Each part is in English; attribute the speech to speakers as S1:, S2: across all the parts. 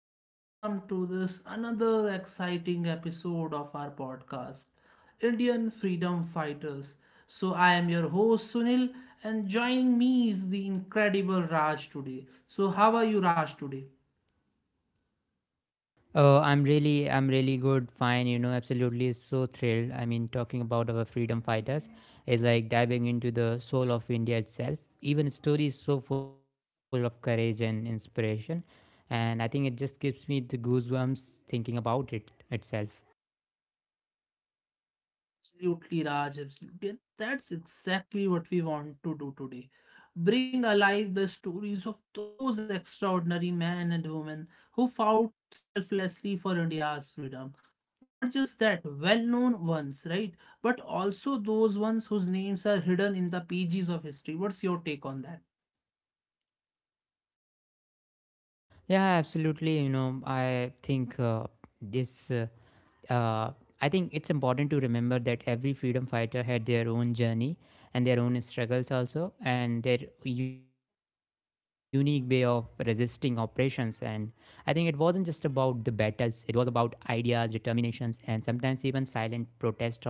S1: and welcome to this another exciting episode of our podcast, Indian Freedom Fighters. So I am your host Sunil, and joining me is the incredible Raj today. So how are you, Raj today?
S2: Oh, I'm really good. Fine, you know, absolutely so thrilled. I mean, talking about our freedom fighters is like diving into the soul of India itself. Even stories so full of courage and inspiration, and I think it just gives me the goosebumps thinking about it itself.
S1: Absolutely, Raj. Absolutely. And that's exactly what we want to do today. Bring alive the stories of those extraordinary men and women who fought selflessly for India's freedom. Not just that, well known ones, right? But also those ones whose names are hidden in the pages of history. What's your take on that?
S2: Yeah, absolutely. You know, I think this. Uh, I think it's important to remember that every freedom fighter had their own journey and their own struggles also, and their unique way of resisting oppressions. And I think it wasn't just about the battles; it was about ideas, determinations, and sometimes even silent protest also.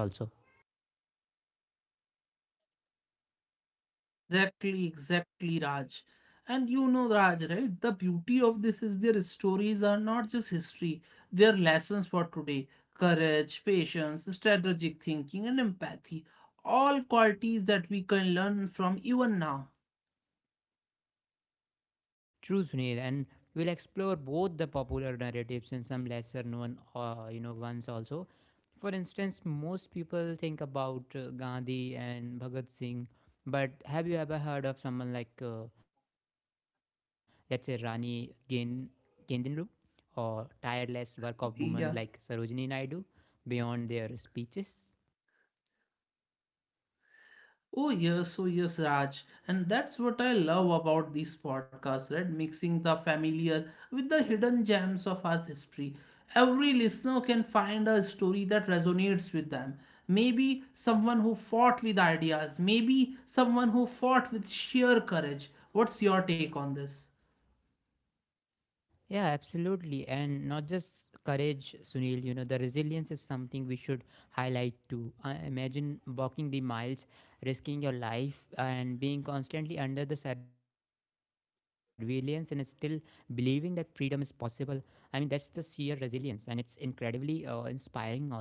S1: Exactly, exactly, Raj. And you know, Raj, right? The beauty of this is their stories are not just history, they are lessons for today. Courage, patience, strategic thinking, and empathy. All qualities that we can learn from even now.
S2: True, Sunil, and we'll explore both the popular narratives and some lesser known, ones also. For instance, most people think about Gandhi and Bhagat Singh, but have you ever heard of someone like, let's say, Gaindinlu, or tireless work of women like
S1: Yeah.
S2: Sarojini Naidu beyond their speeches?
S1: Oh, yes, oh, yes, Raj. And that's what I love about these podcasts, right? Mixing the familiar with the hidden gems of our history. Every listener can find a story that resonates with them. Maybe someone who fought with ideas, maybe someone who fought with sheer courage. What's your take on this?
S2: Yeah, absolutely. And not just courage, Sunil, you know, the resilience is something we should highlight too. I imagine walking the miles, risking your life, and being constantly under the surveillance and still believing that freedom is possible. I mean, that's the sheer resilience, and it's incredibly inspiring, also.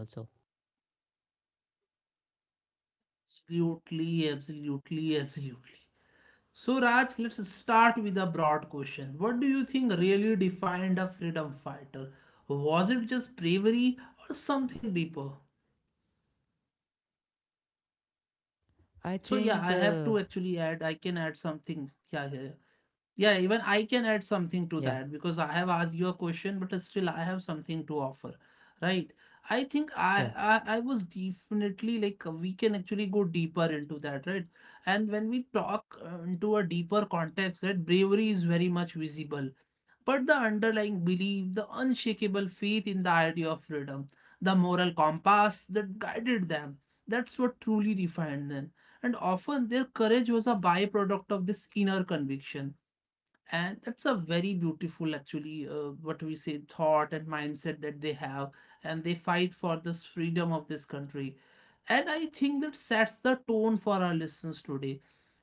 S1: Absolutely, absolutely, absolutely. So, Raj, let's start with a broad question. What do you think really defined a freedom fighter? Was it just bravery or something deeper?
S2: I
S1: So, yeah,
S2: think,
S1: I have
S2: uh,
S1: to actually add, I can add something. Yeah, yeah, yeah.
S2: yeah,
S1: Yeah, even I can add something to that because I have asked you a question, but still I have something to offer, right? I think I,
S2: sure.
S1: I I was definitely like we can actually go deeper into that, right? And when we talk into a deeper context, that bravery is very much visible, but the underlying belief, the unshakable faith in the idea of freedom, the moral compass that guided them, that's what truly defined them. And often their courage was a byproduct of this inner conviction. And that's a very beautiful, actually, what we say, thought and mindset that they have, and they fight for this freedom of this country. And I think that sets the tone for our listeners today.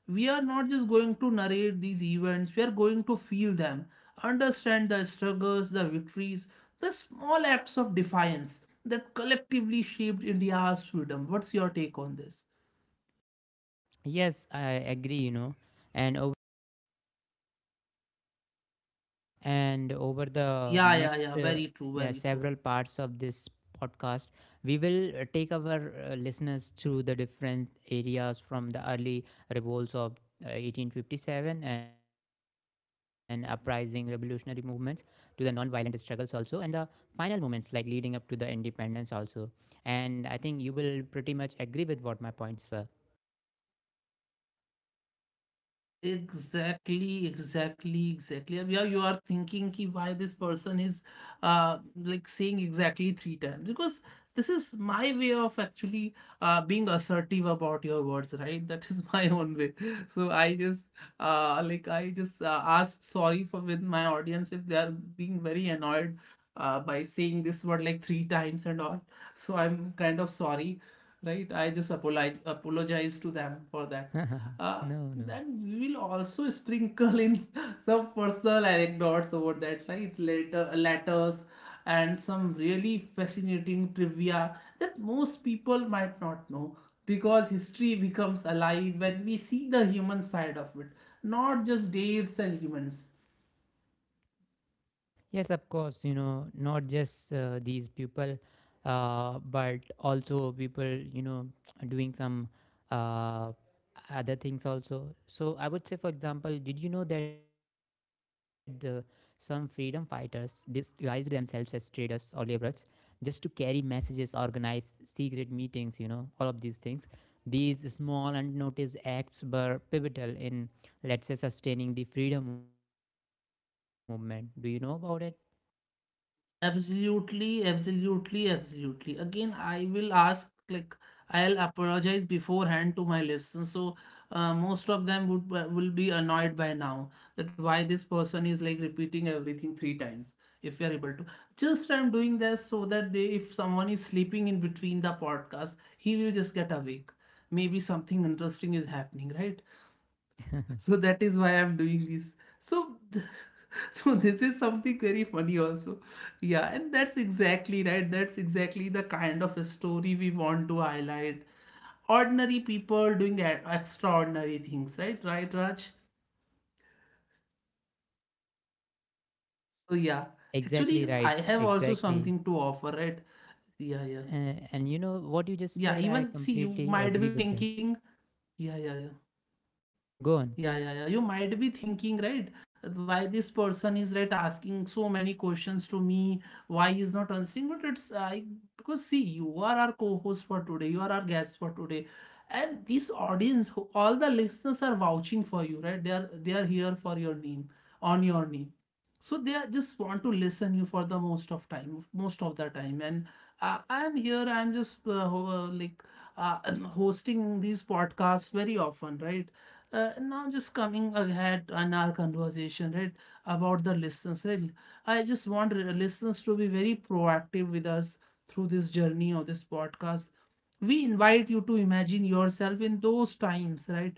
S1: We are not just going to narrate these events, we are going to feel them, understand the struggles, the victories, the small acts of defiance that collectively shaped India's freedom. What's your take on this?
S2: Yes, I agree, you know. And And over the
S1: Yeah, yeah,
S2: next,
S1: yeah, very true,
S2: yeah,
S1: very true.
S2: several parts of this podcast, we will take our listeners through the different areas from the early revolts of 1857 and uprising revolutionary movements to the non-violent struggles also and the final moments like leading up to the independence also. And I think you will pretty much agree with what my points were.
S1: Exactly, exactly, exactly. अब यार you are thinking कि why this person is uh like saying exactly three times, because this is my way of actually being assertive about your words, right? That is my own way. So I just ask sorry for with my audience if they are being very annoyed by saying this word like three times and all. So I'm kind of sorry, right? I just apologize to them for that.
S2: No,
S1: Uh,
S2: no.
S1: then we will also sprinkle in some personal anecdotes about that, right? Later, letters and some really fascinating trivia that most people might not know because history becomes alive when we see the human side of it, not just dates and humans.
S2: Yes, of course, you know, not just these people, but also people, you know, doing some uh, other things also. So I would say, for example, did you know that some freedom fighters disguised themselves as traders or laborers just to carry messages, organize secret meetings, you know, all of these things? These small unnoticed acts were pivotal in, let's say, sustaining the freedom movement. Do you know about it?
S1: Absolutely, absolutely, absolutely. Again, I will ask, like, I'll apologize beforehand to my listeners. So, most of them would will be annoyed by now that why this person is like repeating everything three times. If you're able to, just I'm doing this so that they, if someone is sleeping in between the podcast, he will just get awake. Maybe something interesting is happening, right? So that is why I'm doing this, so so this is something very funny also. Yeah, and that's exactly right, that's exactly the kind of a story we want to highlight, ordinary people doing extraordinary things, right, Raj, so. Yeah, actually
S2: Exactly
S1: I
S2: right.
S1: have also
S2: Exactly.
S1: something to offer, right? Yeah, yeah.
S2: And you know what you just
S1: Yeah,
S2: said, I
S1: even see, you
S2: completely
S1: might
S2: agree
S1: be
S2: with that.
S1: thinking. Yeah, yeah, yeah.
S2: Go on.
S1: Yeah, yeah, yeah. You might be thinking, right? Why this person is right asking so many questions to me? Why he's not answering? But it's I because see, you are our co-host for today. You are our guest for today, and this audience, all the listeners are vouching for you, right? They are here for your name, on your name. So they are just want to listen you for the most of time, most of the time. And I am here. I am just like hosting these podcasts very often, right? Now just coming ahead on our conversation, right, about the listeners, right? I just want listeners to be very proactive with us through this journey of this podcast. We invite you to imagine yourself in those times, right,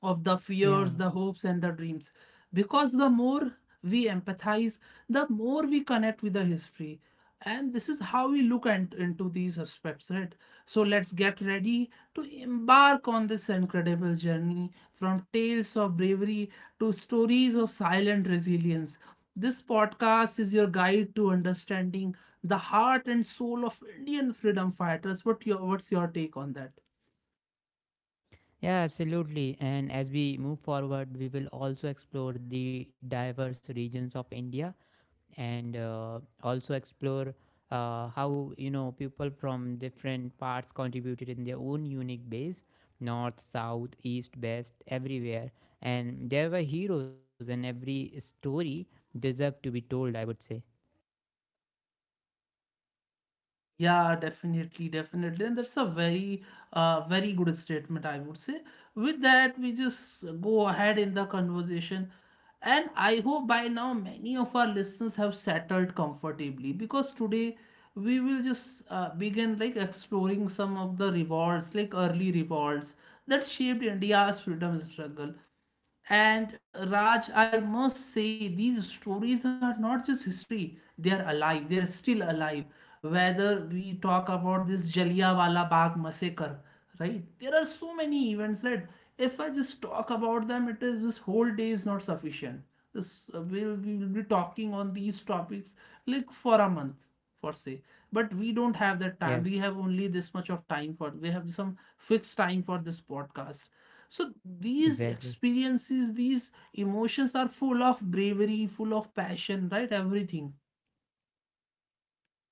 S1: of the
S2: Yeah.
S1: fears, the hopes, and the dreams. Because the more we empathize, the more we connect with the history. And this is how we look and, into these aspects, right? So let's get ready to embark on this incredible journey from tales of bravery to stories of silent resilience. This podcast is your guide to understanding the heart and soul of Indian freedom fighters. What's your take on that?
S2: Yeah, absolutely. And as we move forward, we will also explore the diverse regions of India and also explore how, you know, people from different parts contributed in their own unique ways: north, south, east, west, everywhere. And there were heroes, and every story deserved to be told, I would say.
S1: Yeah, definitely, definitely. And that's a very, very good statement, I would say. With that, we just go ahead in the conversation. And I hope by now many of our listeners have settled comfortably because today we will just begin like exploring some of the revolts, like early revolts that shaped India's freedom struggle. And Raj, I must say, these stories are not just history, they are alive, they are still alive. Whether we talk about this Jallianwala Bagh massacre, right? There are so many events that if I just talk about them, it is this whole day is not sufficient. We will be talking on these topics like for a month, for say. But we don't have that time.
S2: Yes.
S1: We have only this much of time for, we have some fixed time for this podcast. So these
S2: Exactly.
S1: experiences, these emotions are full of bravery, full of passion, right? Everything.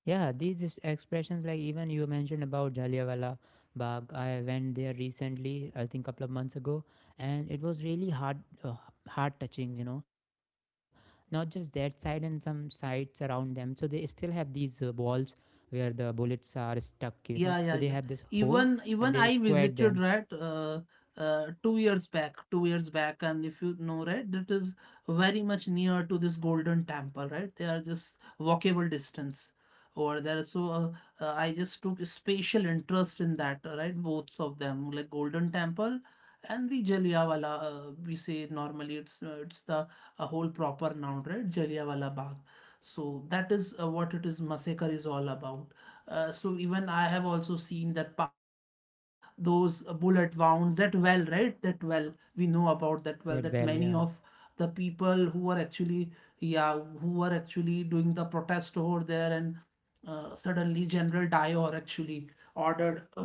S2: Yeah, these is expressions like Even you mentioned about Jallianwala Bagh. I went there recently, I think couple of months ago, and it was really uh, heart touching. You know, not just that side and some sides around them. So they still have these walls where the bullets are stuck. You know, so they have
S1: Yeah, yeah,
S2: this
S1: yeah.
S2: hole and
S1: Even
S2: they
S1: even I
S2: squared them.
S1: visited, right, 2 years back, and if you know, right, that is very much near to this Golden Temple, right? They are just walkable distance over there. So I just took a special interest in that, right? Both of them, like Golden Temple and the Jallianwala. We say normally it's the a whole
S2: Yeah,
S1: proper noun, right? Jallianwala Bagh. So that is what it is. Massacre is all about. So even I have also seen that park, those bullet wounds, that well, right? That well, we know about
S2: that
S1: that
S2: well.
S1: well, that
S2: Yeah,
S1: many of the people who were actually doing the protest over there, and suddenly General Dyer actually ordered,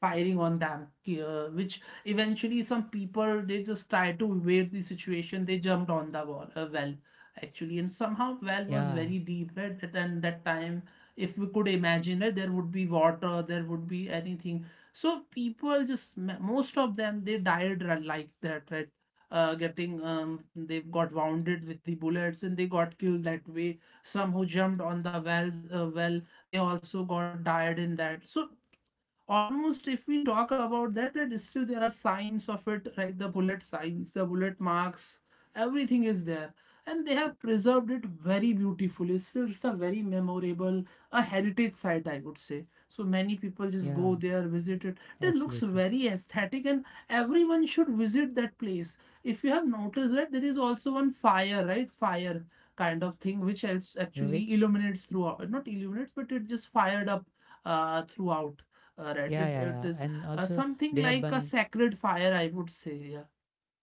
S1: firing on them, which eventually some people, they just tried to evade the situation, they jumped on the wall, well, actually, and somehow well was
S2: yeah,
S1: very deep, right, at and that time, if we could imagine it, there would be water, there would be anything. So people just most of them, they died like that, right? Getting They got wounded with the bullets, and they got killed that way. Some who jumped on the well, well, they also got died in that. So almost, if we talk about that, that still there are signs of it, right? The bullet signs, the bullet marks, everything is there. And they have preserved it very beautifully. Still, it's a very memorable, a heritage site, I would say. So many people just go
S2: yeah.
S1: there, visit it, it looks
S2: Absolutely.
S1: very aesthetic, and everyone should visit that place. If you have noticed, right, there is also one fire, right, fire kind of thing, which else actually
S2: Which,
S1: illuminates throughout, not illuminates but it just fired up, throughout, all right. It,
S2: yeah, yeah,
S1: it
S2: yeah.
S1: is
S2: And also
S1: something
S2: they
S1: like
S2: have
S1: a
S2: been
S1: sacred fire, I would say. Yeah.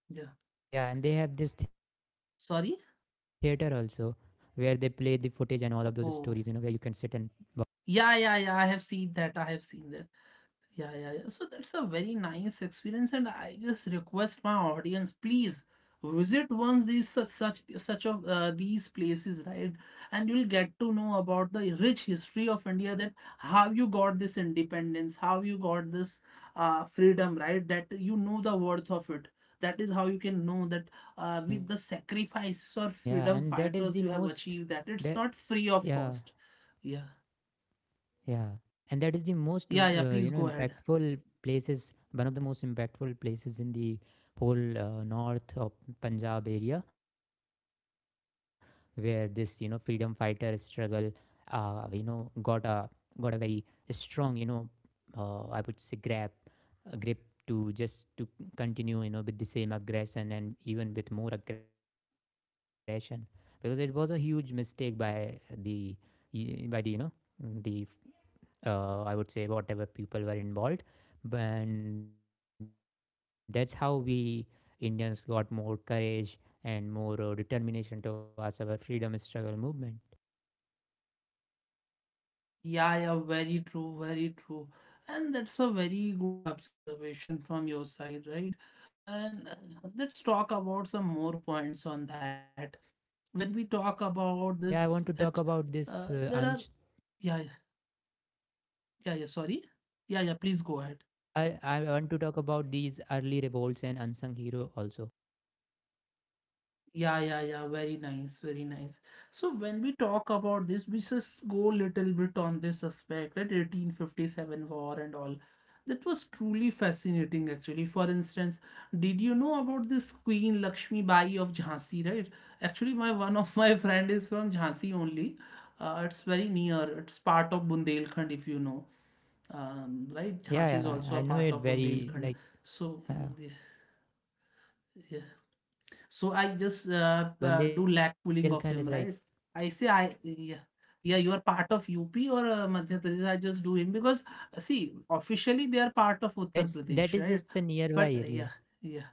S1: Yeah.
S2: Yeah, and they have this theater also
S1: Sorry?
S2: where they play the footage and all of those stories, you know, where you can
S1: Oh.
S2: sit and watch.
S1: Yeah, yeah, yeah. I have seen that. I have seen that. Yeah, yeah, yeah. So that's a very nice experience, and I just request my audience, please visit once these such of these places, right? And you'll get to know about the rich history of India, that how you got this independence, how you got this freedom, right? That you know the worth of it. That is how you can know that, with the
S2: Yeah, and that is the
S1: sacrifice or
S2: most
S1: freedom
S2: the
S1: fighters, you have achieved that,
S2: yeah,
S1: it's not free of cost. Yeah,
S2: yeah, and that is the most
S1: yeah, yeah.
S2: you know,
S1: Please go ahead.
S2: impactful places, one of the most impactful places in the whole north of Punjab area, where this, you know, freedom fighter struggle you know, got a very strong, you know, I would say grab, a grip, to just to continue, you know, with the same aggression and even with more aggression, because it was a huge mistake by the the you know, the I would say, whatever people were involved. And that's how we Indians got more courage and more determination towards our freedom struggle movement.
S1: Yeah, yeah, very true, very true. And that's a very good observation from your side, right? And let's talk about some more points on that. When we talk about this,
S2: Yeah, I want
S1: that
S2: to talk about this.
S1: there are, yeah, yeah, yeah, sorry. Yeah, yeah, please go ahead.
S2: I want to talk about these early revolts and unsung hero also.
S1: Yeah, yeah, yeah. Very nice, very nice. So when we talk about this, we just go little bit on this aspect, right? 1857 war and all. That was truly fascinating, actually. For instance, did you know about this Queen Lakshmi Bai of Jhansi, right? Actually, my one of my friend is from Jhansi only. It's very near. It's part of Bundelkhand, if you know. Right?
S2: Yeah,
S1: Jhansi is
S2: yeah,
S1: also
S2: I
S1: a
S2: I know
S1: part
S2: it
S1: of
S2: very
S1: Bundelkhand.
S2: like
S1: So, mm,
S2: uh,
S1: yeah, yeah. So I just do lack
S2: Bundelkhand is
S1: pulling
S2: like
S1: of him, right? I say I yeah. Yeah, you are part of UP or Madhya Pradesh. I just do him because see, officially they are part of Uttar Pradesh,
S2: that is
S1: right?
S2: just the nearby
S1: But
S2: area.
S1: yeah, yeah.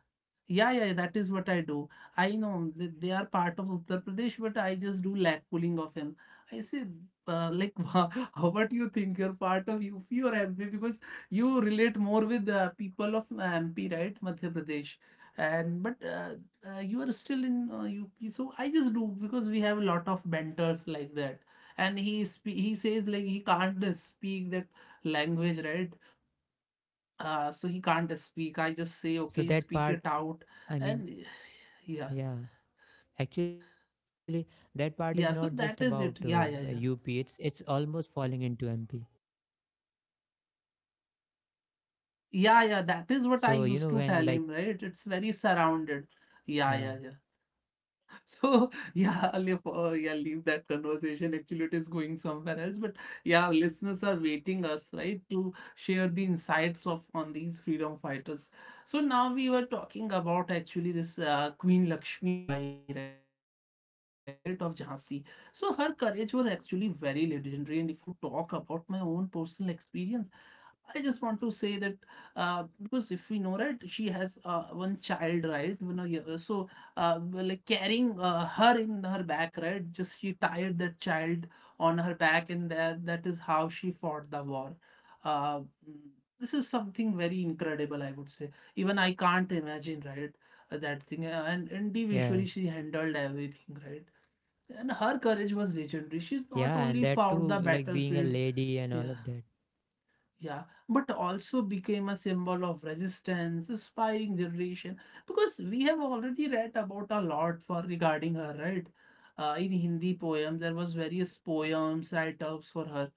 S1: Yeah, yeah, that is what I do. I know they are part of Uttar Pradesh, but I just do lag pulling of him. I say, uh, like, wha- how, what you think? You're part of UP or MP because you relate more with people of MP, right? Madhya Pradesh. And but you are still in UP, so I just do because we have a lot of banters like that. And he says like he can't speak that language, right? So he can't speak. I just say, okay,
S2: So
S1: speak it
S2: that
S1: out.
S2: part,
S1: And
S2: I mean,
S1: yeah,
S2: yeah. Actually, that part is
S1: yeah, so
S2: not just
S1: that is
S2: about
S1: it. Yeah, yeah, yeah.
S2: UP. It's almost falling into MP.
S1: Yeah, yeah, that is what I
S2: So
S1: used
S2: you
S1: to
S2: know,
S1: tell
S2: when
S1: him,
S2: like,
S1: right? It's very surrounded. Yeah, yeah, yeah.
S2: yeah,
S1: So yeah, I'll leave, yeah, leave that conversation. Actually, it is going somewhere else. But yeah, listeners are waiting us, right, to share the insights of on these freedom fighters. So now we were talking about actually this Queen Lakshmi Bai, right, of Jhansi. So her courage was actually very legendary. And if I have to talk about my own personal experience, I just want to say that because if we know right, she has one child, right? You know, yeah, so like carrying her in her back, right? Just she tied that child on her back, and that is how she fought the war. Uh, mm, this is something very incredible, I would say. Even I can't imagine, right? That thing. And individually she handled
S2: yes,
S1: everything, right? And her courage was legendary. She's not
S2: yeah, and
S1: only
S2: that
S1: fought
S2: too,
S1: the
S2: like being a
S1: battlefield,
S2: lady and all
S1: yeah,
S2: of that.
S1: yeah, but also became a symbol of resistance, spying generation, because we have already read about a lot for regarding her, right? In Hindi poems, there was various poems, write-ups for her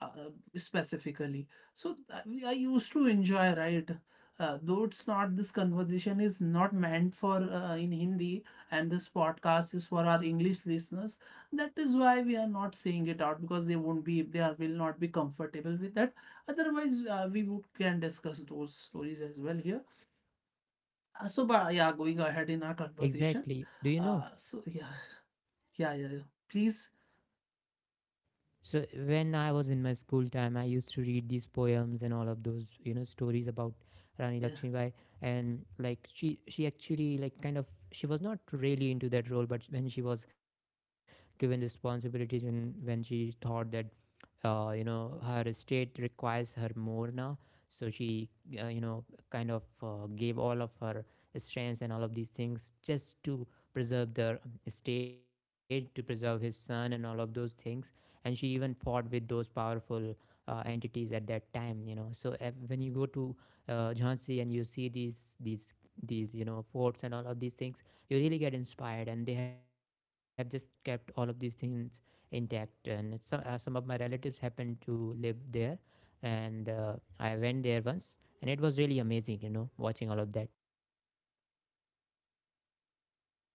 S1: uh, specifically. So I used to enjoy, right? Though it's not this conversation is not meant for in Hindi, and this podcast is for our English listeners. That is why we are not saying it out because they are, will not be comfortable with that. Otherwise, we would can discuss those stories as well here. So, but yeah, going ahead in our conversations.
S2: Exactly. Do you know?
S1: So yeah, yeah, yeah, yeah. Please,
S2: So when I was in my school time, I used to read these poems and all of those, you know, stories about Rani
S1: yeah.
S2: Lakshmibai, and like she actually, like, kind of, she was not really into that role, but when she was given responsibilities and when she thought that you know, her state requires her more now, so she you know, kind of gave all of her strengths and all of these things just to preserve the state, to preserve his son and all of those things, and she even fought with those powerful entities at that time, you know. So when you go to Jhansi and you see these you know, forts and all of these things, you really get inspired, and they have just kept all of these things intact. And some of my relatives happened to live there, and I went there once, and it was really amazing. You know, watching all of that.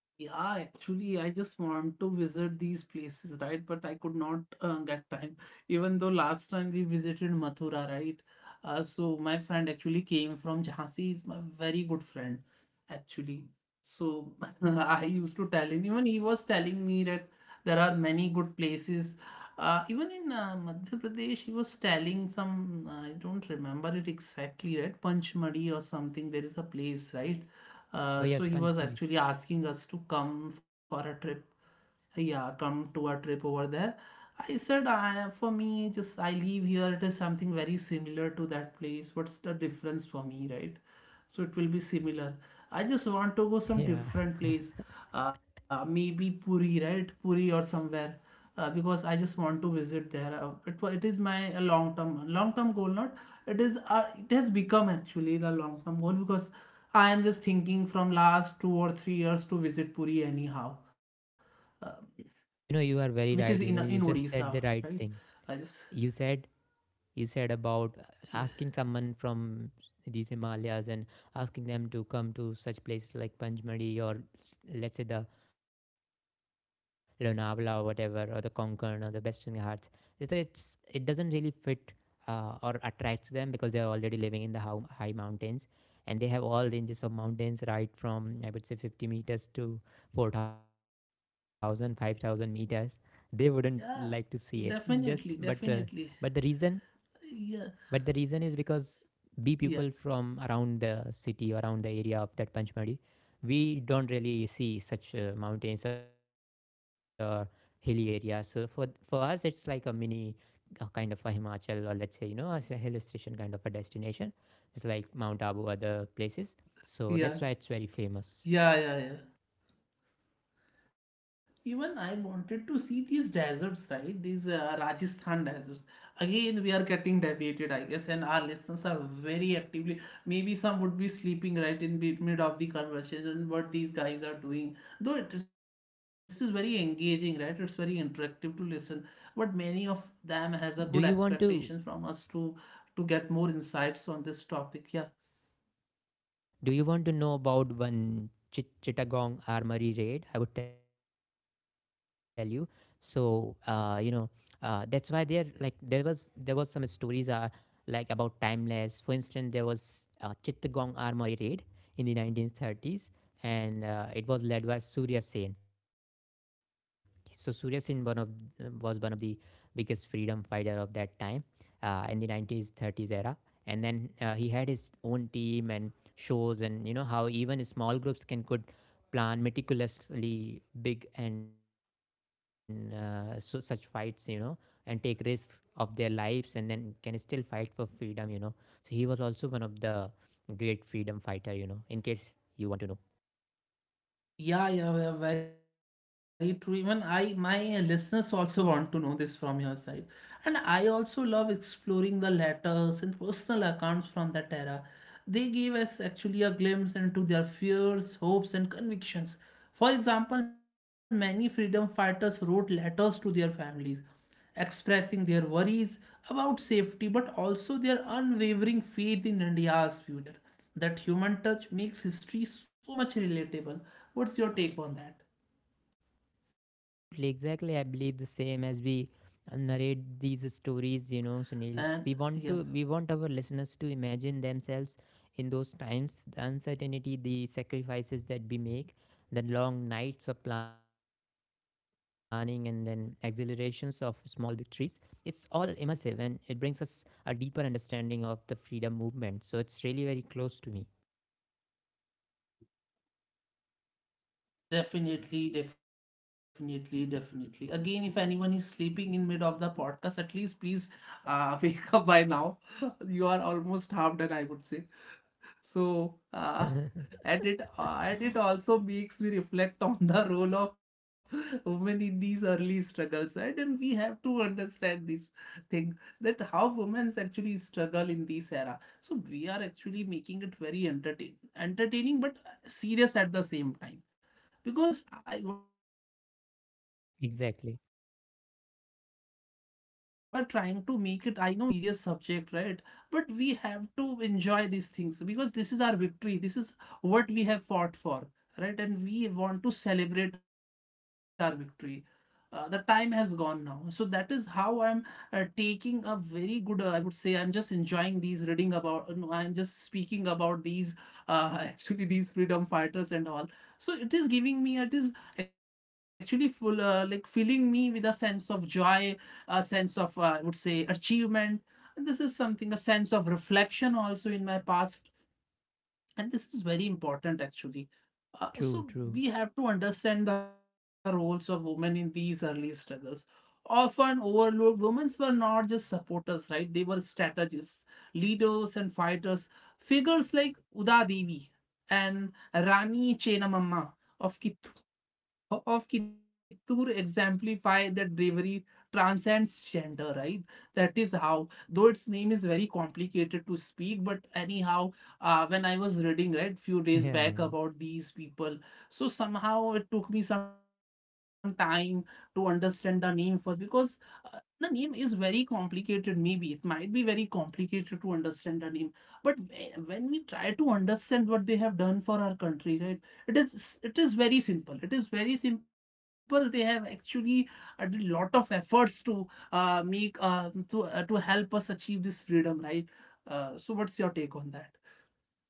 S1: Yeah, actually, I just want to visit these places, right? But I could not get time. Even though last time we visited Mathura, right? So my friend actually came from Jhansi. He's my very good friend, actually. So I used to tell him. Even he was telling me that there are many good places. Even in Madhya Pradesh, he was telling some. I don't remember it exactly, right? Panchmadi or something. There is a place, right?
S2: Oh yeah,
S1: So he was
S2: SpongeBob.
S1: actually asking us to come for a trip. Yeah, come to a trip over there. I said, for me, just I live here. It is something very similar to that place. What's the difference for me, right? So it will be similar. I just want to go some
S2: Yeah,
S1: different place, maybe Puri, right? Puri or somewhere, because I just want to visit there. It is my long term goal, not it is it has become actually the long term goal because I am just thinking from last 2 or 3 years to visit Puri anyhow, uh,
S2: you know, you are very
S1: which is
S2: right. You
S1: in
S2: know, you just said the
S1: Odisha,
S2: right
S1: right?
S2: thing.
S1: I just
S2: You said you said about
S1: yeah,
S2: asking someone from these Himalayas and asking them to come to such places like Panchmadi or let's say the Lonavala or whatever, or the Konkan or the Western Ghats. It's, it doesn't really fit or attracts them, because they're already living in the high mountains, and they have all ranges of mountains right from, I would say, 50 meters to 4,000 5,000 meters. They wouldn't like to see
S1: yeah,
S2: it just, but
S1: definitely,
S2: but the
S1: definitely,
S2: reason but the
S1: yeah,
S2: reason is because we people
S1: yeah,
S2: from around the city, around the area of that Panchmadi, we don't really see such mountains or hilly areas. So for us, it's like a mini kind of a Himachal, or let's say, you know, as a hill station kind of a destination. It's like Mount Abu, other places. So that's why it's very
S1: yeah,
S2: famous.
S1: yeah, yeah, yeah. Even I wanted to see these deserts, right? These Rajasthan deserts. Again, we are getting deviated, I guess, and our listeners are very actively. Maybe some would be sleeping right in mid of the conversation. What these guys are doing, though, it is very engaging, right? It's very interactive to listen. But many of them has a good
S2: do you
S1: expectation
S2: want
S1: from
S2: to
S1: us to get more insights on this topic. Yeah,
S2: Do you want to know about one Chittagong Armory raid? I would tell you. So you know, that's why there, like, there was some stories are like about timeless. For instance, there was Chittagong Armory raid in the 1930s, and it was led by Surya Sen. So Surya Sen, one of was one of the biggest freedom fighter of that time in the 1930s era, and then he had his own team and shows, and you know how even small groups can, could plan meticulously big, and so such fights, you know, and take risks of their lives, and then can still fight for freedom, you know. So he was also one of the great freedom fighter, you know, in case you want to know.
S1: yeah, yeah, yeah, very true. Even I, my listeners also want to know this from your side. And I also love exploring the letters and personal accounts from that era. They gave us actually a glimpse into their fears, hopes, and convictions. For example, many freedom fighters wrote letters to their families, expressing their worries about safety but also their unwavering faith in India's future. That human touch makes history so much relatable. What's your take on that?
S2: Absolutely, exactly. I believe the same. As we narrate
S1: And
S2: these
S1: yeah.
S2: stories, you know, Sunil, we want our listeners to imagine themselves in those times: the uncertainty, the sacrifices that we make, the long nights of planning, and then exhilarations of small victories. It's all immersive, and it brings us a deeper understanding of the freedom movement. So it's really very close to me.
S1: Definitely, definitely, definitely. Again, if anyone is sleeping in mid of the podcast, at least please wake up by now. You are almost half done, I would say. So, and it also makes me reflect on the role of women in these early struggles, right? And we have to understand this thing that how women actually struggle in this era. So we are actually making it very entertaining, but serious at the same time because what I
S2: Exactly.
S1: believe is this is a very serious thing, even see, if we are trying to make it, I know it is very serious subject, right, but we have to enjoy these things because this is our victory, this is what we have fought for, right, and we want to celebrate our victory. The time has gone now, so that is how I'm taking a very good I would say I'm just enjoying these reading about no, I'm just speaking about these actually these freedom fighters and all. So it is giving me, it is actually full like filling me with a sense of joy, a sense of I would say achievement, and this is something a sense of reflection also in my past, and this is very important actually.
S2: True, true.
S1: So we have to understand the roles of women in these early struggles. Often overlooked, women were not just supporters, right? They were strategists, leaders, and fighters. Figures like Uda Devi and Rani Chennamma of Kittur of Kittur exemplify that bravery transcends gender, right? That is how, though its name is very complicated to speak, but anyhow, when I was reading, right, few days
S2: Yeah,
S1: back
S2: yeah.
S1: about these people, so somehow it took me some time to understand the name first because uh, the name is very complicated. Maybe it might be very complicated to understand the name, but when we try to understand what they have done for our country, right? It is very simple, it is very simple, they have actually did a lot of efforts to make to help us achieve this freedom, right? So what's your take on that?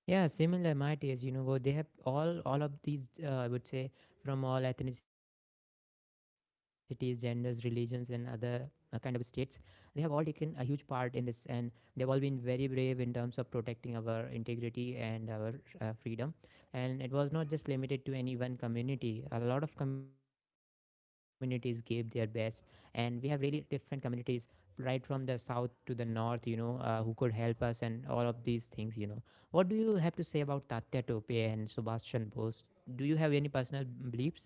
S2: Yeah, similar my taste, you know. They have all of these, I would say from all ethnicities, genders, religions, and other kind of states. They have all taken a huge part in this, and they've all been very brave in terms of protecting our integrity and our freedom. And it was not just limited to any one community. A lot of communities gave their best, and we have really different communities right from the south to the north, you know, who could help us and all of these things, you know. What do you have to say about Tatya Tope and Subhash Chandra Bose? Do you have any personal beliefs?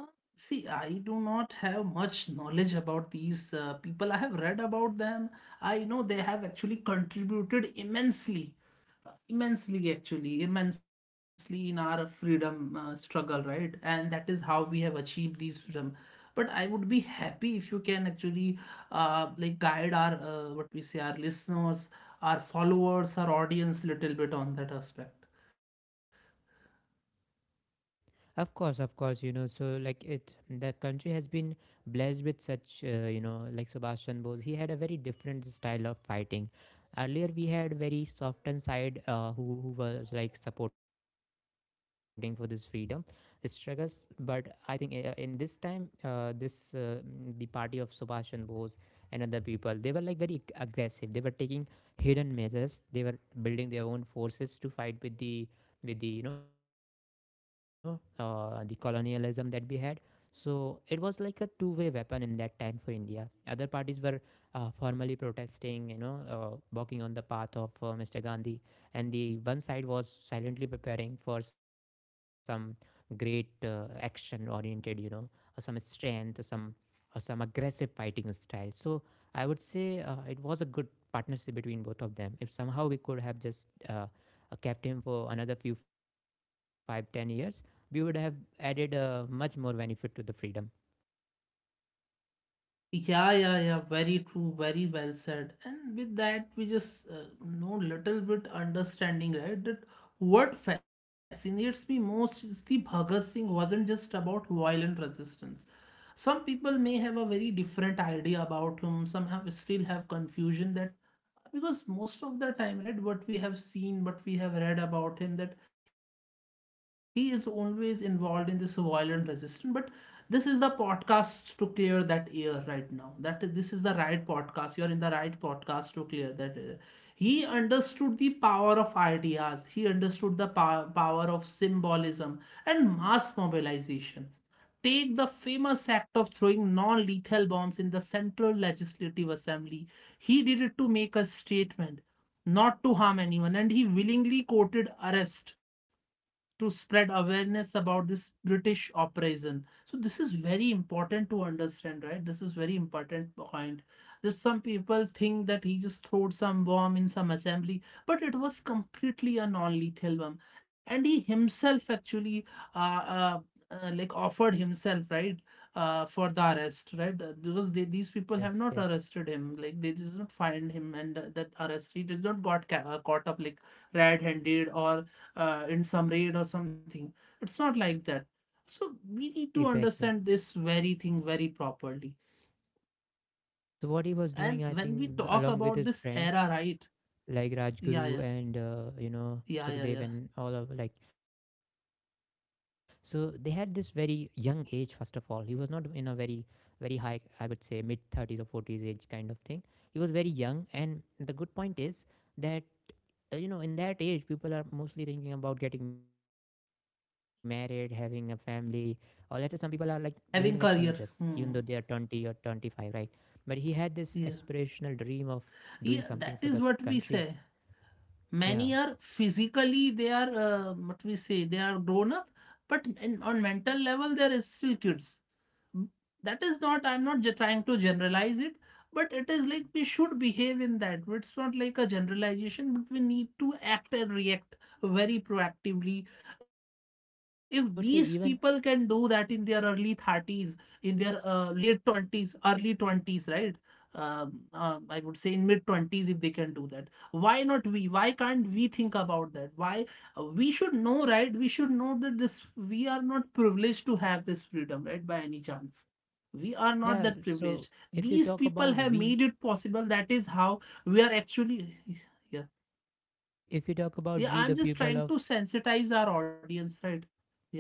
S1: See, I do not have much knowledge about these people. I have read about them. I know they have actually contributed immensely, immensely actually immensely in our freedom struggle, right, and that is how we have achieved these freedom. But I would be happy if you can actually like guide our what we say our listeners, our followers, our audience little bit on that aspect.
S2: Of course, you know. So like it, the country has been blessed with such, you know, like Sebastian Bose. He had a very different style of fighting. Earlier, we had very softened side who was like supporting for this freedom struggles. But I think in this time, the party of Sebastian Bose and other people, they were like very aggressive. They were taking hidden measures. They were building their own forces to fight with the the colonialism that we had. So it was like a two-way weapon in that time for india. Other parties were formally protesting, walking on the path of mr gandhi, and the one side was silently preparing for some great action oriented or some strength, or some aggressive fighting style. So I would say it was a good partnership between both of them. If somehow we could have just kept him for another few 5-10 years, we would have added much more benefit to the freedom.
S1: Like, yeah, yeah, yeah. Very true. Very well said. And with that, we just know little bit understanding, right? That what fascinates me most is the Bhagat Singh wasn't just about violent resistance. Some people may have a very different idea about him. Some have still have confusion that, because most of the time, right, what we have seen, what we have read about him, that he is always involved in this violent resistance. But this is the podcast to clear that air. Right now, this is the right podcast, you are in the right podcast to clear that air. He understood the power of ideas, he understood the power of symbolism and mass mobilization. Take the famous act of throwing non lethal bombs in the Central Legislative Assembly. He did it to make a statement, not to harm anyone, and he willingly courted arrest to spread awareness about this British operation. So this is very important to understand, right? This is very important point. There's some people think that he just threw some bomb in some assembly, but it was completely a non-lethal bomb, and he himself actually uh, uh, like offered himself, right, for the arrest, right. Because they, these people
S2: Yes,
S1: have not
S2: yes,
S1: arrested him, like they did not find him, and that arrest he did not got caught up like red-handed or in some raid or something. It's not like that. So we need to
S2: exactly.
S1: understand this very thing very properly.
S2: So what he was doing,
S1: And
S2: I
S1: when we
S2: think,
S1: talk
S2: along with his
S1: about this
S2: friends
S1: era, right,
S2: like Rajguru
S1: yeah, yeah,
S2: and Sukhdev
S1: yeah, yeah,
S2: and
S1: yeah,
S2: all of like, so they had this very young age. First of all, he was not in a very very high, I would say, mid thirties or forties age kind of thing. He was very young, and the good point is that you know, in that age people are mostly thinking about getting married, having a family, or let's say some people are like behaving like teenagers
S1: having
S2: even though they
S1: career.
S2: are
S1: Hmm.
S2: 20 or 25, right? But he had this
S1: Yeah,
S2: aspirational dream of doing something
S1: yeah,
S2: for the
S1: that is what we
S2: country.
S1: say.
S2: Yeah,
S1: Many are physically they are what we say they are grown up, but in, on mental level they are still kids. That is not, I'm not trying to generalize it, but it is like we should behave in that. It's not like a generalization, but we need to act and react very proactively. If these
S2: yeah.
S1: people
S2: So I
S1: can
S2: would say
S1: do that in
S2: even,
S1: their early 30s, in their late 20s, early 20s, right, I would say in mid 20s, if they can do that why not we, why can't we think about that, why we should know, right, we should know that this, we are not privileged to have this freedom, right, by any chance. We are not
S2: yeah.
S1: that
S2: So
S1: privileged.
S2: if you
S1: These
S2: talk
S1: people
S2: about
S1: have
S2: we,
S1: made it possible. That is how we are actually. Yeah,
S2: if you talk
S1: yeah,
S2: about we
S1: I'm
S2: the
S1: just trying
S2: people
S1: to
S2: of,
S1: sensitize our audience, right. Yeah,
S2: be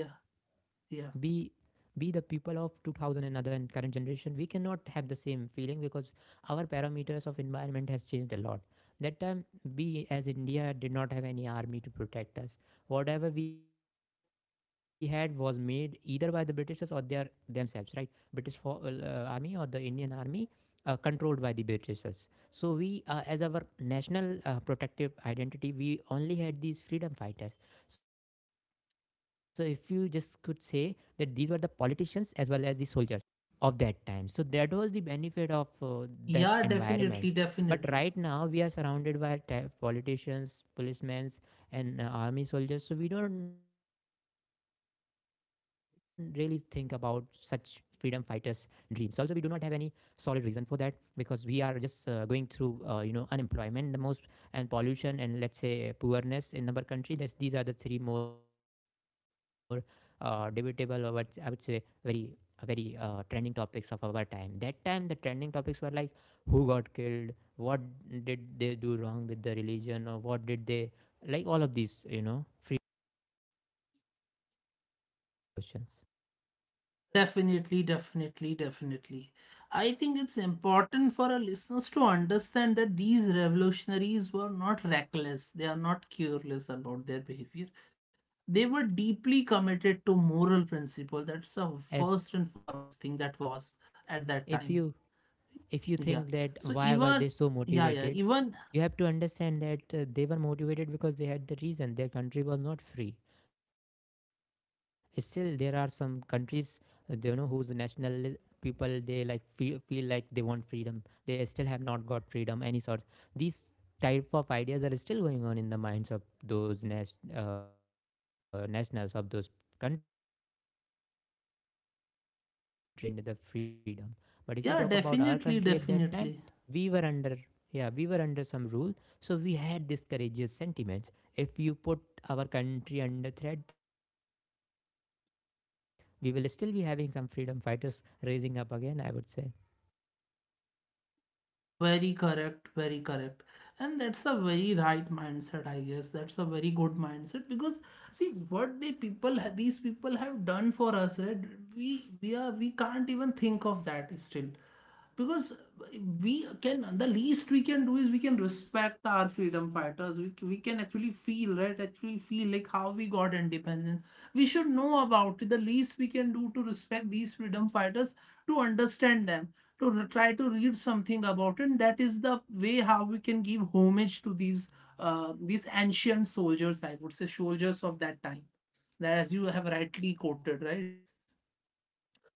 S2: be
S1: yeah,
S2: the people of 2000 and other and current generation, we cannot have the same feeling because our parameters of environment has changed a lot. That time, we as india did not have any army to protect us. Whatever we had was made either by the britishers or their themselves, right? British army or the indian army controlled by the britishers. So we, as our national protective identity, we only had these freedom fighters. So if you just could say that these were the politicians as well as the soldiers of that time. So that was the benefit of that
S1: yeah.
S2: environment.
S1: Definitely,
S2: But
S1: definitely,
S2: right now we are surrounded by politicians, policemen, and army soldiers. So we don't really think about such freedom fighters' dreams. Also, we do not have any solid reason for that because we are just going through, unemployment, the most, and pollution, and let's say poorness in our country. That's, these are the three more debatable, or what I would say, very very trending topics of our time. That time, the trending topics were like who got killed, what did they do wrong with the religion, or what did they, like all of these, you know, free, freedom related questions.
S1: definitely, definitely, definitely. I think it's important for our listeners to understand that these revolutionaries were not reckless, they are not careless about their behavior. They were
S2: Yeah,
S1: deeply
S2: and
S1: committed to moral principle. That's a
S2: if
S1: first and foremost thing that was at that
S2: if
S1: time.
S2: you, if you think
S1: Yeah,
S2: that
S1: so
S2: why were they
S1: even,
S2: so
S1: yeah yeah
S2: motivated,
S1: even,
S2: you have to understand that they were motivated because they had the reason: their country was not free. Still there are some countries, you know, whose national people they like feel, feel like they want freedom. They still have not got freedom any sort. These type of ideas are still going on in the minds of those nationals of those countries. But it's just because their countries have not truly gained the freedom. But if we talk
S1: yeah.
S2: about our country
S1: Definitely,
S2: at that time,
S1: definitely.
S2: we were under, yeah, we were under some rule. So we had these courageous sentiments. If you put our country under threat, we will still be having some freedom fighters raising up again, I would say.
S1: Very correct, very correct. And that's a very right mindset, I guess. That's a very good mindset, because see what they people these people have done for us, right? We are, we can't even think of that still. Because we can, the least we can do is we can respect our freedom fighters. We can actually feel, right, actually feel like how we got independence. We should know about it. The least we can do to respect these freedom fighters, to understand them, to try to read something about it, and that is the way how we can give homage to these ancient soldiers, I would say, soldiers of that time. That, as you have rightly quoted, right,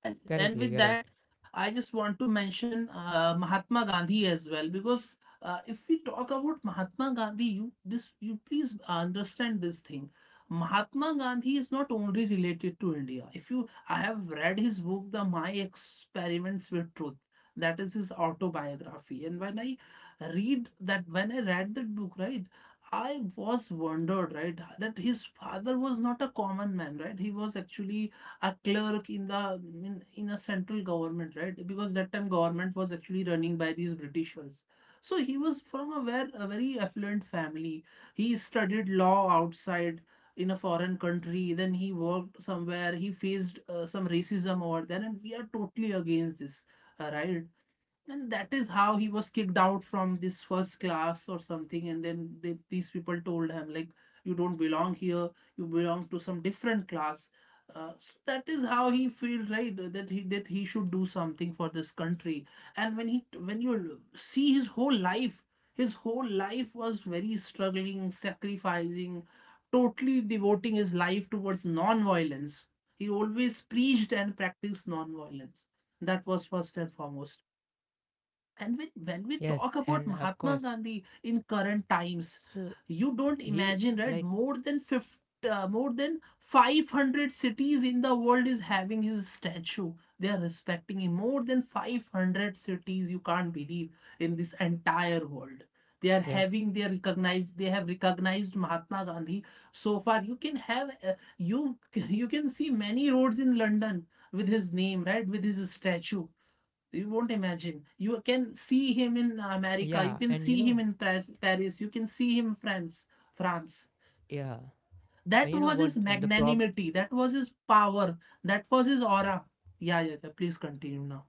S1: and
S2: Correctly,
S1: with
S2: correct.
S1: that, I just want to mention Mahatma Gandhi as well, because if we talk about Mahatma Gandhi, you this, you please understand this thing. Mahatma Gandhi is not only related to India. If you, I have read his book, The My Experiments with Truth. That is his autobiography. And when I read that book, right, I was wondered, right, that his father was not a common man, right? He was actually a clerk in in a central government, right? Because that time government was actually running by these britishers. So he was from a very affluent family. He studied law outside, in a foreign country, then he worked somewhere. He faced some racism over there, and we are totally against this, right. And that is how he was kicked out from this first class or something. And then they, these people told him, like, you don't belong here, you belong to some different class. So that is how he feels, right, that he should do something for this country. And when you see his whole life, his whole life was very struggling, sacrificing, totally devoting his life towards non-violence. He always preached and practiced non-violence. That was first and foremost. And when we
S2: Yes,
S1: talk about
S2: and of
S1: Mahatma
S2: course,
S1: Gandhi in current times,
S2: so
S1: you don't
S2: he,
S1: imagine, right?
S2: like,
S1: More than 500 cities in the world is having his statue. They are respecting him. More than 500 cities, you can't believe, in this entire world. They are
S2: yes,
S1: having their recognized. They have recognized Mahatma Gandhi so far. You can have you you can see many roads in London with his name, right? With his statue, you won't imagine. You can see him in America. You
S2: yeah,
S1: can
S2: and you
S1: see him
S2: know,
S1: in Paris. You can see him in France.
S2: yeah.
S1: That
S2: But you know
S1: was
S2: what,
S1: his
S2: the prob
S1: magnanimity. That was his power. That was his aura. Yeah, yeah, yeah. Please continue now.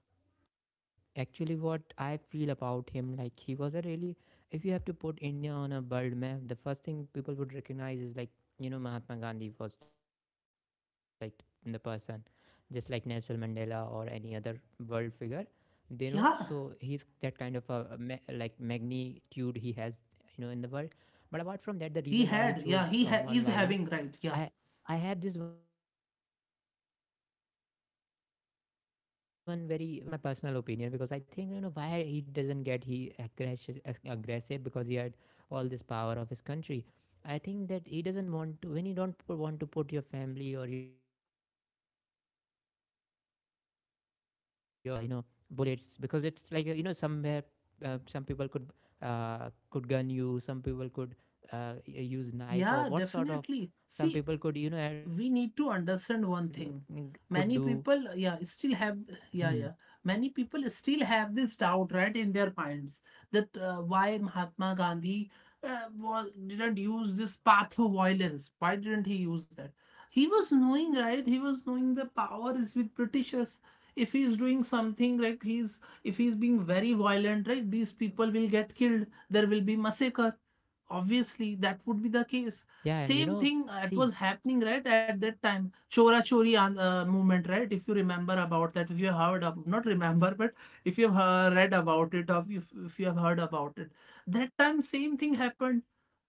S2: actually what I feel about him, like, he was a really, if you have to put India on a world map, the first thing people would recognize is like, you know, Mahatma Gandhi was like the person, just like Nelson Mandela or any other world figure. They know, so he's that
S1: Yeah,
S2: kind of a, like, magnitude he has, you know, in the world. But apart from that, the reason why he
S1: he had.
S2: chose
S1: Yeah, is
S2: non-violence,
S1: having, right.
S2: I
S1: Yeah,
S2: I have this one very reason for that. It's not like very defendable reason, just my personal opinion, because I think, you know, why he doesn't get he aggressive, aggressive, because he had all this power of his country. I think that he doesn't want to, when you don't want to put your family or your community at a risk of getting uh, you know bullets, because it's like, somewhere some people could gun you, some people could uh, use knife or
S1: yeah.
S2: what sort of,
S1: Definitely.
S2: some
S1: See,
S2: people could, you know, had,
S1: we need to
S2: could
S1: understand
S2: do.
S1: one thing. Many people,
S2: Hmm.
S1: yeah, still have, yeah, yeah, many people still have this doubt, right, in their minds, that why mahatma gandhi was didn't use this path of violence, why didn't he use that. He was knowing, right, he was knowing the power is with britishers. If he's doing something like, he's, if he's being very violent, right, these people will get killed, there will be massacre. Obviously that would be the case.
S2: Yeah, and
S1: Same
S2: you
S1: thing
S2: know,
S1: it was
S2: see.
S1: happening, right, at that time. Chora Chori movement, right? If you remember about that, if you have heard of, not remember, but if you have read about it, or if you have heard about it, that time same thing happened.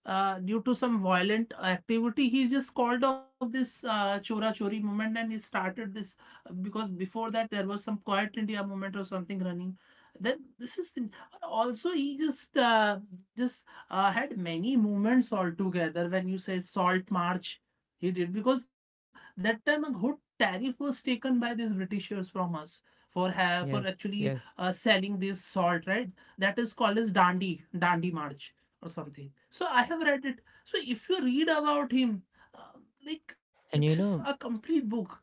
S1: Due to some violent activity, he just called off this Chora Chori movement, and he started this because before that there was some Quiet India movement or something running. Then this is the, also he just just had many movements altogether. When you say salt march, he did because that time a good tariff was taken by these britishers from us for for
S2: Yes,
S1: actually
S2: yes.
S1: selling this salt, right. That is called as dandi march or something. So I have read it. So if you read about him, uh, like it is
S2: And you
S1: a
S2: know,
S1: complete book. Yeah,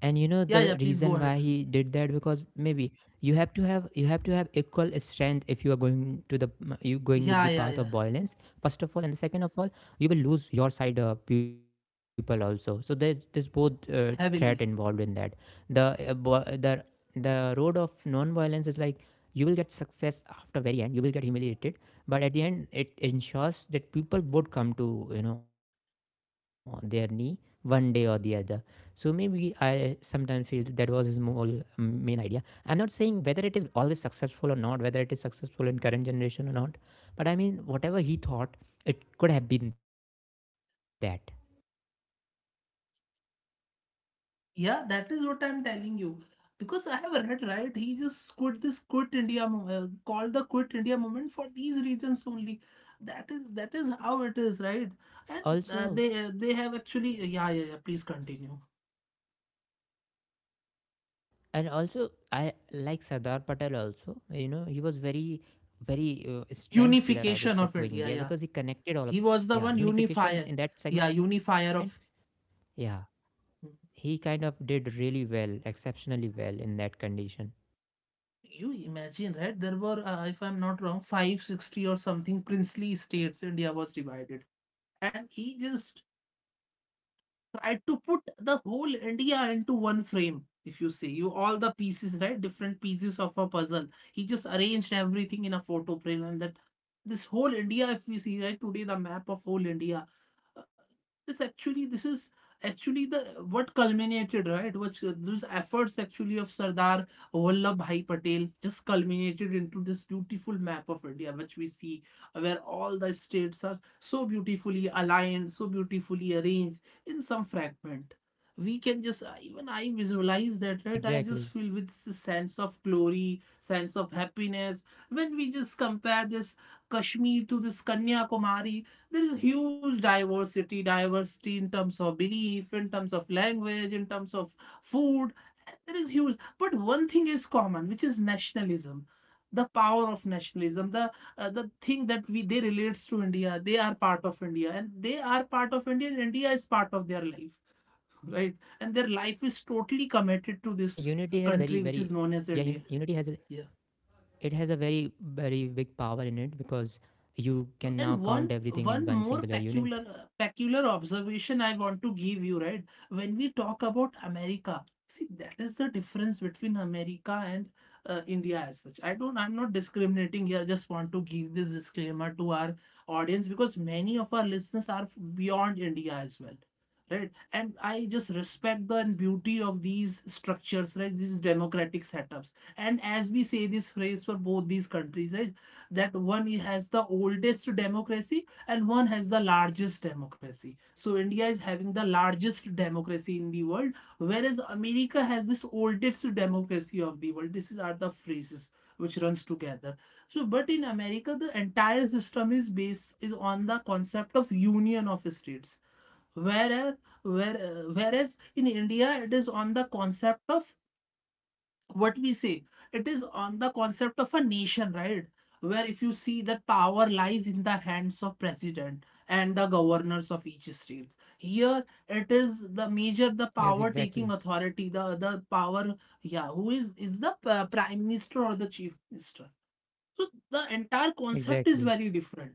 S2: and you know
S1: yeah, yeah,
S2: the
S1: please go
S2: reason
S1: ahead.
S2: why he did that, because maybe you have to have, you have to have equal strength if you are going to the, you going with the
S1: Yeah, yeah,
S2: path of
S1: yeah.
S2: violence, first of all, and the second of all, you will lose your side people also. So there, there's both
S1: Heavily.
S2: threat involved in that. The the road of non-violence is like, you will get success after very end, you will get humiliated, but at the end it ensures that people would come to, you know, their knee one day or the other. So maybe I sometimes feel that was his whole main idea. I'm not saying whether it is always successful or not, whether it is successful in current generation or not, but I mean, whatever he thought, it could have been that.
S1: Yeah, that is what I'm telling you. Because I have read, right? He just quit this, quit India called the quit India movement for these reasons only. That is, that is how it is, right? And
S2: Also,
S1: they have actually yeah, yeah, yeah. Please continue.
S2: and also I like Sardar Patel also. You know, he was very, very strength player, I would
S1: Unification
S2: say,
S1: of
S2: for
S1: India.
S2: India,
S1: Yeah,
S2: because he connected all of,
S1: he was the one
S2: yeah,
S1: unifier.
S2: unification
S1: Yeah,
S2: in that
S1: unifier
S2: segment.
S1: of.
S2: Yeah, he kind of did really well, exceptionally well in that condition.
S1: You imagine, right? There were, if I'm not wrong, 5, 60 or something princely states. India was divided, and he just tried to put the whole India into one frame. If you see, you all the pieces, right? Different pieces of a puzzle. He just arranged everything in a photo frame, and that this whole India, if we see, right, today the map of whole India, uh, this is actually the what culminated, right, which those efforts actually of sardar vallabhbhai patel just culminated into this beautiful map of india which we see, where all the states are so beautifully aligned, so beautifully arranged in some fragment. We can just even I visualize that, right, I just
S2: Exactly.
S1: feel with sense of glory, sense of happiness when we just compare this kashmir to this kanyakumari. There is huge diversity, diversity in terms of belief, in terms of language, in terms of food. There is huge, but one thing is common, which is nationalism, the power of nationalism, the thing that we, they relates to india, they are part of india and they are part of india and india is part of their life, right, and their life is totally committed to
S2: Yeah,
S1: this
S2: unity has a very
S1: country
S2: very,
S1: which is
S2: yeah,
S1: known as india.
S2: unity has a,
S1: Yeah.
S2: it has a very very big power in it because
S1: No,
S2: you
S1: and
S2: can now
S1: one
S2: count
S1: one
S2: everything in
S1: more
S2: one singular
S1: peculiar
S2: unit.
S1: peculiar observation I want to give you, right? When we talk about America, see, that is the difference between America and India as such. I don't, I'm not discriminating here. Just want to give this disclaimer to our audience, because many of our listeners are beyond India as well, right? And I just respect the beauty of these structures, right? These democratic setups. And as we say this phrase for both these countries, right, that one has the oldest democracy and one has the largest democracy. So India is having the largest democracy in the world, whereas America has this oldest democracy of the world. These are the phrases which runs together. So, but in America, the entire system is based is on the concept of union of states. Whereas, whereas in India, it is on the concept of what we say, it is on the concept of a nation, right? Where if you see that power lies in the hands of president and the governors of each state, here it is the major, the
S2: Yes,
S1: power taking
S2: exactly,
S1: authority, the power, yeah, who is the prime minister or the chief minister. So the entire concept is very
S2: exactly,
S1: different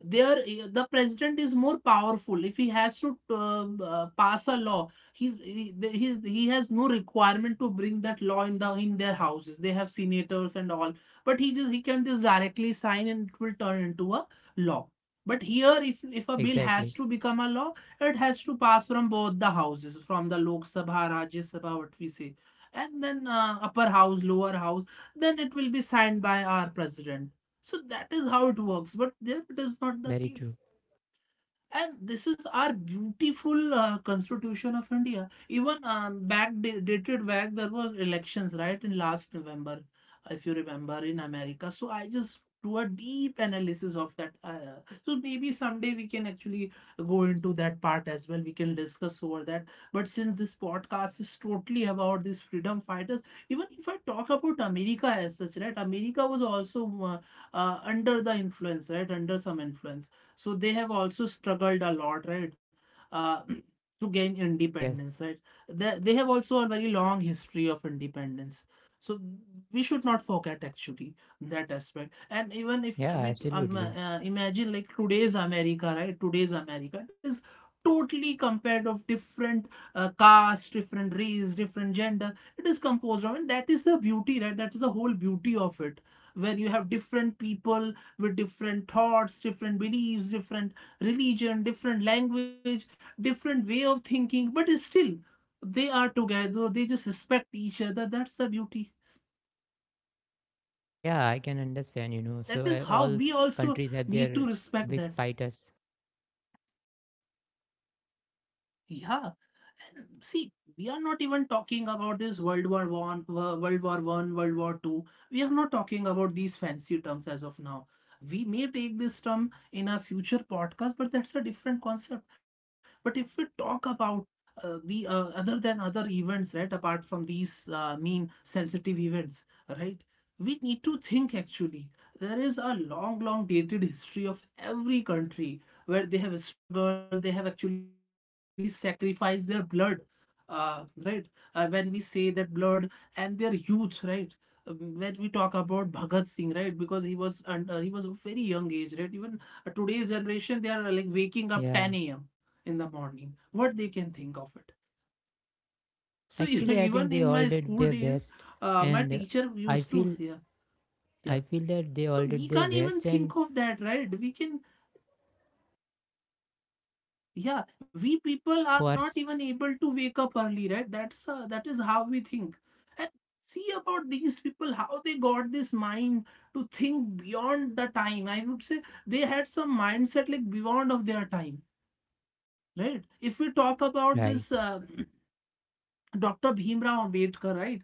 S1: there. The president is more powerful. If he has to pass a law, he he has no requirement to bring that law in the in their houses. They have senators and all, but he can just directly sign and it will turn into a law. But here, if a bill has to
S2: exactly.
S1: become a law, it has to pass from both the houses, from the Lok Sabha, Rajya Sabha, what we say, and then upper house, lower house, then it will be signed by our president. So that is how it works, but there it is not the
S2: Very true.
S1: case. And this is our beautiful constitution of India. Even dated back, there was elections, right, in last November, if you remember, in America. So I just do a deep analysis of that. So maybe someday we can actually go into that part as well, we can discuss over that. But since this podcast is totally about these freedom fighters, even if I talk about America as such, right, America was also uh, under the influence, right, under some influence. So they have also struggled a lot, right? Uh, to gain independence,
S2: Yes,
S1: right? They have also a very long history of independence. So we should not forget actually that aspect. And even if
S2: yeah,
S1: we
S2: absolutely.
S1: imagine like today's America, right? Today's America, it is totally compared of different caste, different race, different gender. It is composed of, and that is the beauty, right? That is the whole beauty of it, where you have different people with different thoughts, different beliefs, different religion, different language, different way of thinking, but still they are together, they just respect each other. That's the beauty.
S2: Yeah, I can understand, you know. So
S1: That is how
S2: all
S1: we also
S2: countries have
S1: need to
S2: their
S1: respect
S2: big
S1: that.
S2: fighters, absolutely. You,
S1: Yeah. And see, we are not even talking about this World War One, World War One, World War Two. We are not talking about these fancy terms as of now. We may take this term in a future podcast, but that's a different concept. But if we talk about the other than other events, right? Apart from these mean sensitive events, right? We need to think actually. There is a long, long dated history of every country where they have struggled, they have actually sacrificed their blood, right? When we say that blood and their youth, right? When we talk about Bhagat Singh, right? Because he was a very young age, right? Even today's generation, they are like waking up
S2: yeah.
S1: 10 a.m. in the morning. What they can think of it? So you know,
S2: Actually, I think
S1: even
S2: they
S1: in
S2: all
S1: my
S2: did
S1: school
S2: their
S1: days,
S2: best,
S1: my
S2: and
S1: teacher
S2: i
S1: used to,
S2: feel
S1: yeah, yeah.
S2: I feel that they
S1: So
S2: all
S1: we
S2: did their
S1: can't even
S2: best,
S1: think of that, right? We can. Yeah,
S2: and they did
S1: we people are not even
S2: force,
S1: able to wake up early, right? That is how we think. And see about these people, how they got this mind to think beyond the time. I would say they had some mindset like beyond of their time, right? If we talk about this
S2: right?
S1: Dr. Bhimrao Ambedkar, right?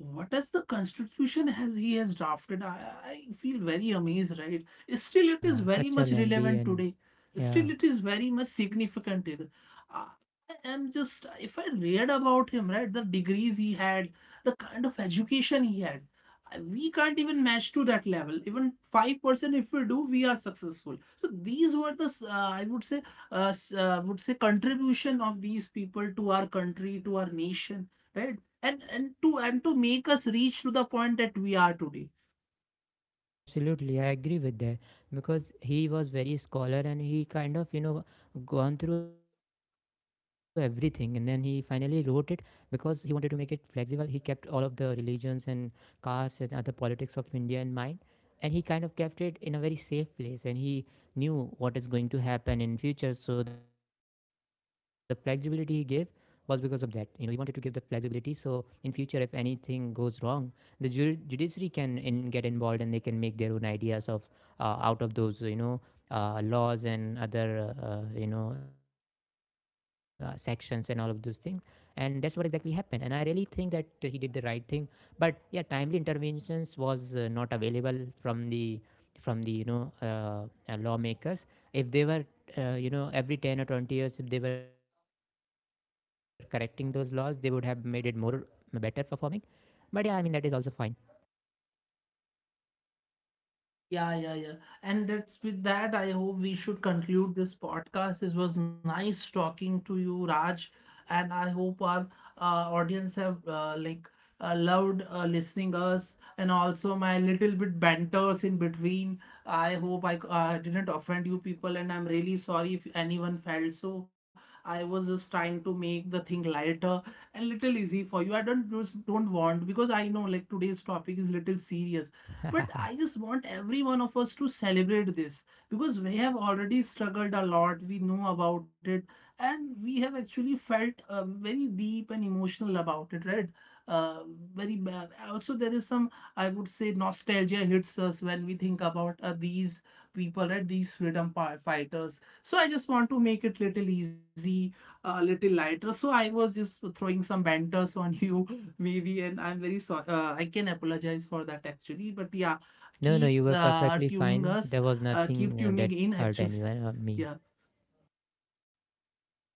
S1: What is the constitution has he has drafted? I feel very amazed, right? Still, it is
S2: Yeah,
S1: very
S2: such a
S1: much
S2: lengthy,
S1: relevant
S2: and
S1: today.
S2: yeah.
S1: Still, it is very much significant. Uh, I am just, if I read about him, right? The degrees he had, the kind of education he had, I- we can't even match to that level. Even 5%, if we do, we are successful. So these were the I would say contribution of these people to our country, to our nation, right, and to make us reach to the point that we are today.
S2: Absolutely, I agree with that, because he was very scholar, and he kind of, you know, gone through everything and then he finally wrote it, because he wanted to make it flexible. He kept all of the religions and castes and other politics of India in mind, and he kind of kept it in a very safe place. And he knew what is going to happen in future, so the flexibility he gave was because of that. You know, he wanted to give the flexibility so in future if anything goes wrong, the judiciary can in, get involved, and they can make their own ideas of out of those, you know, laws and other, sections and all of those things. And that's what exactly happened, and I really think that he did the right thing. But yeah, timely interventions was not available from the, from the, lawmakers. If they were you know, every 10 or 20 years, if they were correcting those laws, they would have made it more better performing. But yeah, I mean, that is also fine.
S1: Yeah, yeah, yeah. And that's, with that, I hope we should conclude this podcast. It was nice talking to you, Raj, and I hope our audience have like loved listening us and also my little bit banters in between. I hope I didn't offend you people, and I'm really sorry if anyone felt so. I was just trying to make the thing lighter and little easy for you. I don't just don't want, because I know like today's topic is little serious, but I just want every one of us to celebrate this because we have already struggled a lot. We know about it, and we have actually felt very deep and emotional about it, right? Uh, very bad. Also, there is some, I would say, nostalgia hits us when we think about these people, right? These freedom fighters. So I just want to make it little easy, a little lighter. So I was just throwing some banters on you, maybe, and I'm very sorry. I can apologize for that actually, but yeah,
S2: No, no,
S1: keep
S2: you were perfectly
S1: tuning
S2: fine.
S1: us,
S2: There was
S1: keep
S2: nothing
S1: tuning
S2: that
S1: in
S2: hurt
S1: actually.
S2: anyone or me.
S1: Yeah,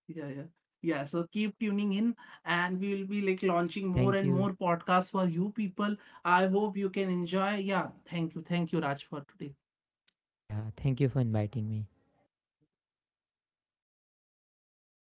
S1: yeah, yeah. Yeah, so keep tuning in and we will be like launching more
S2: Thank
S1: and
S2: you.
S1: more podcasts for you people. I hope you can enjoy. Yeah, thank you. Thank you, Raj, for today.
S2: Yeah, thank you for inviting me.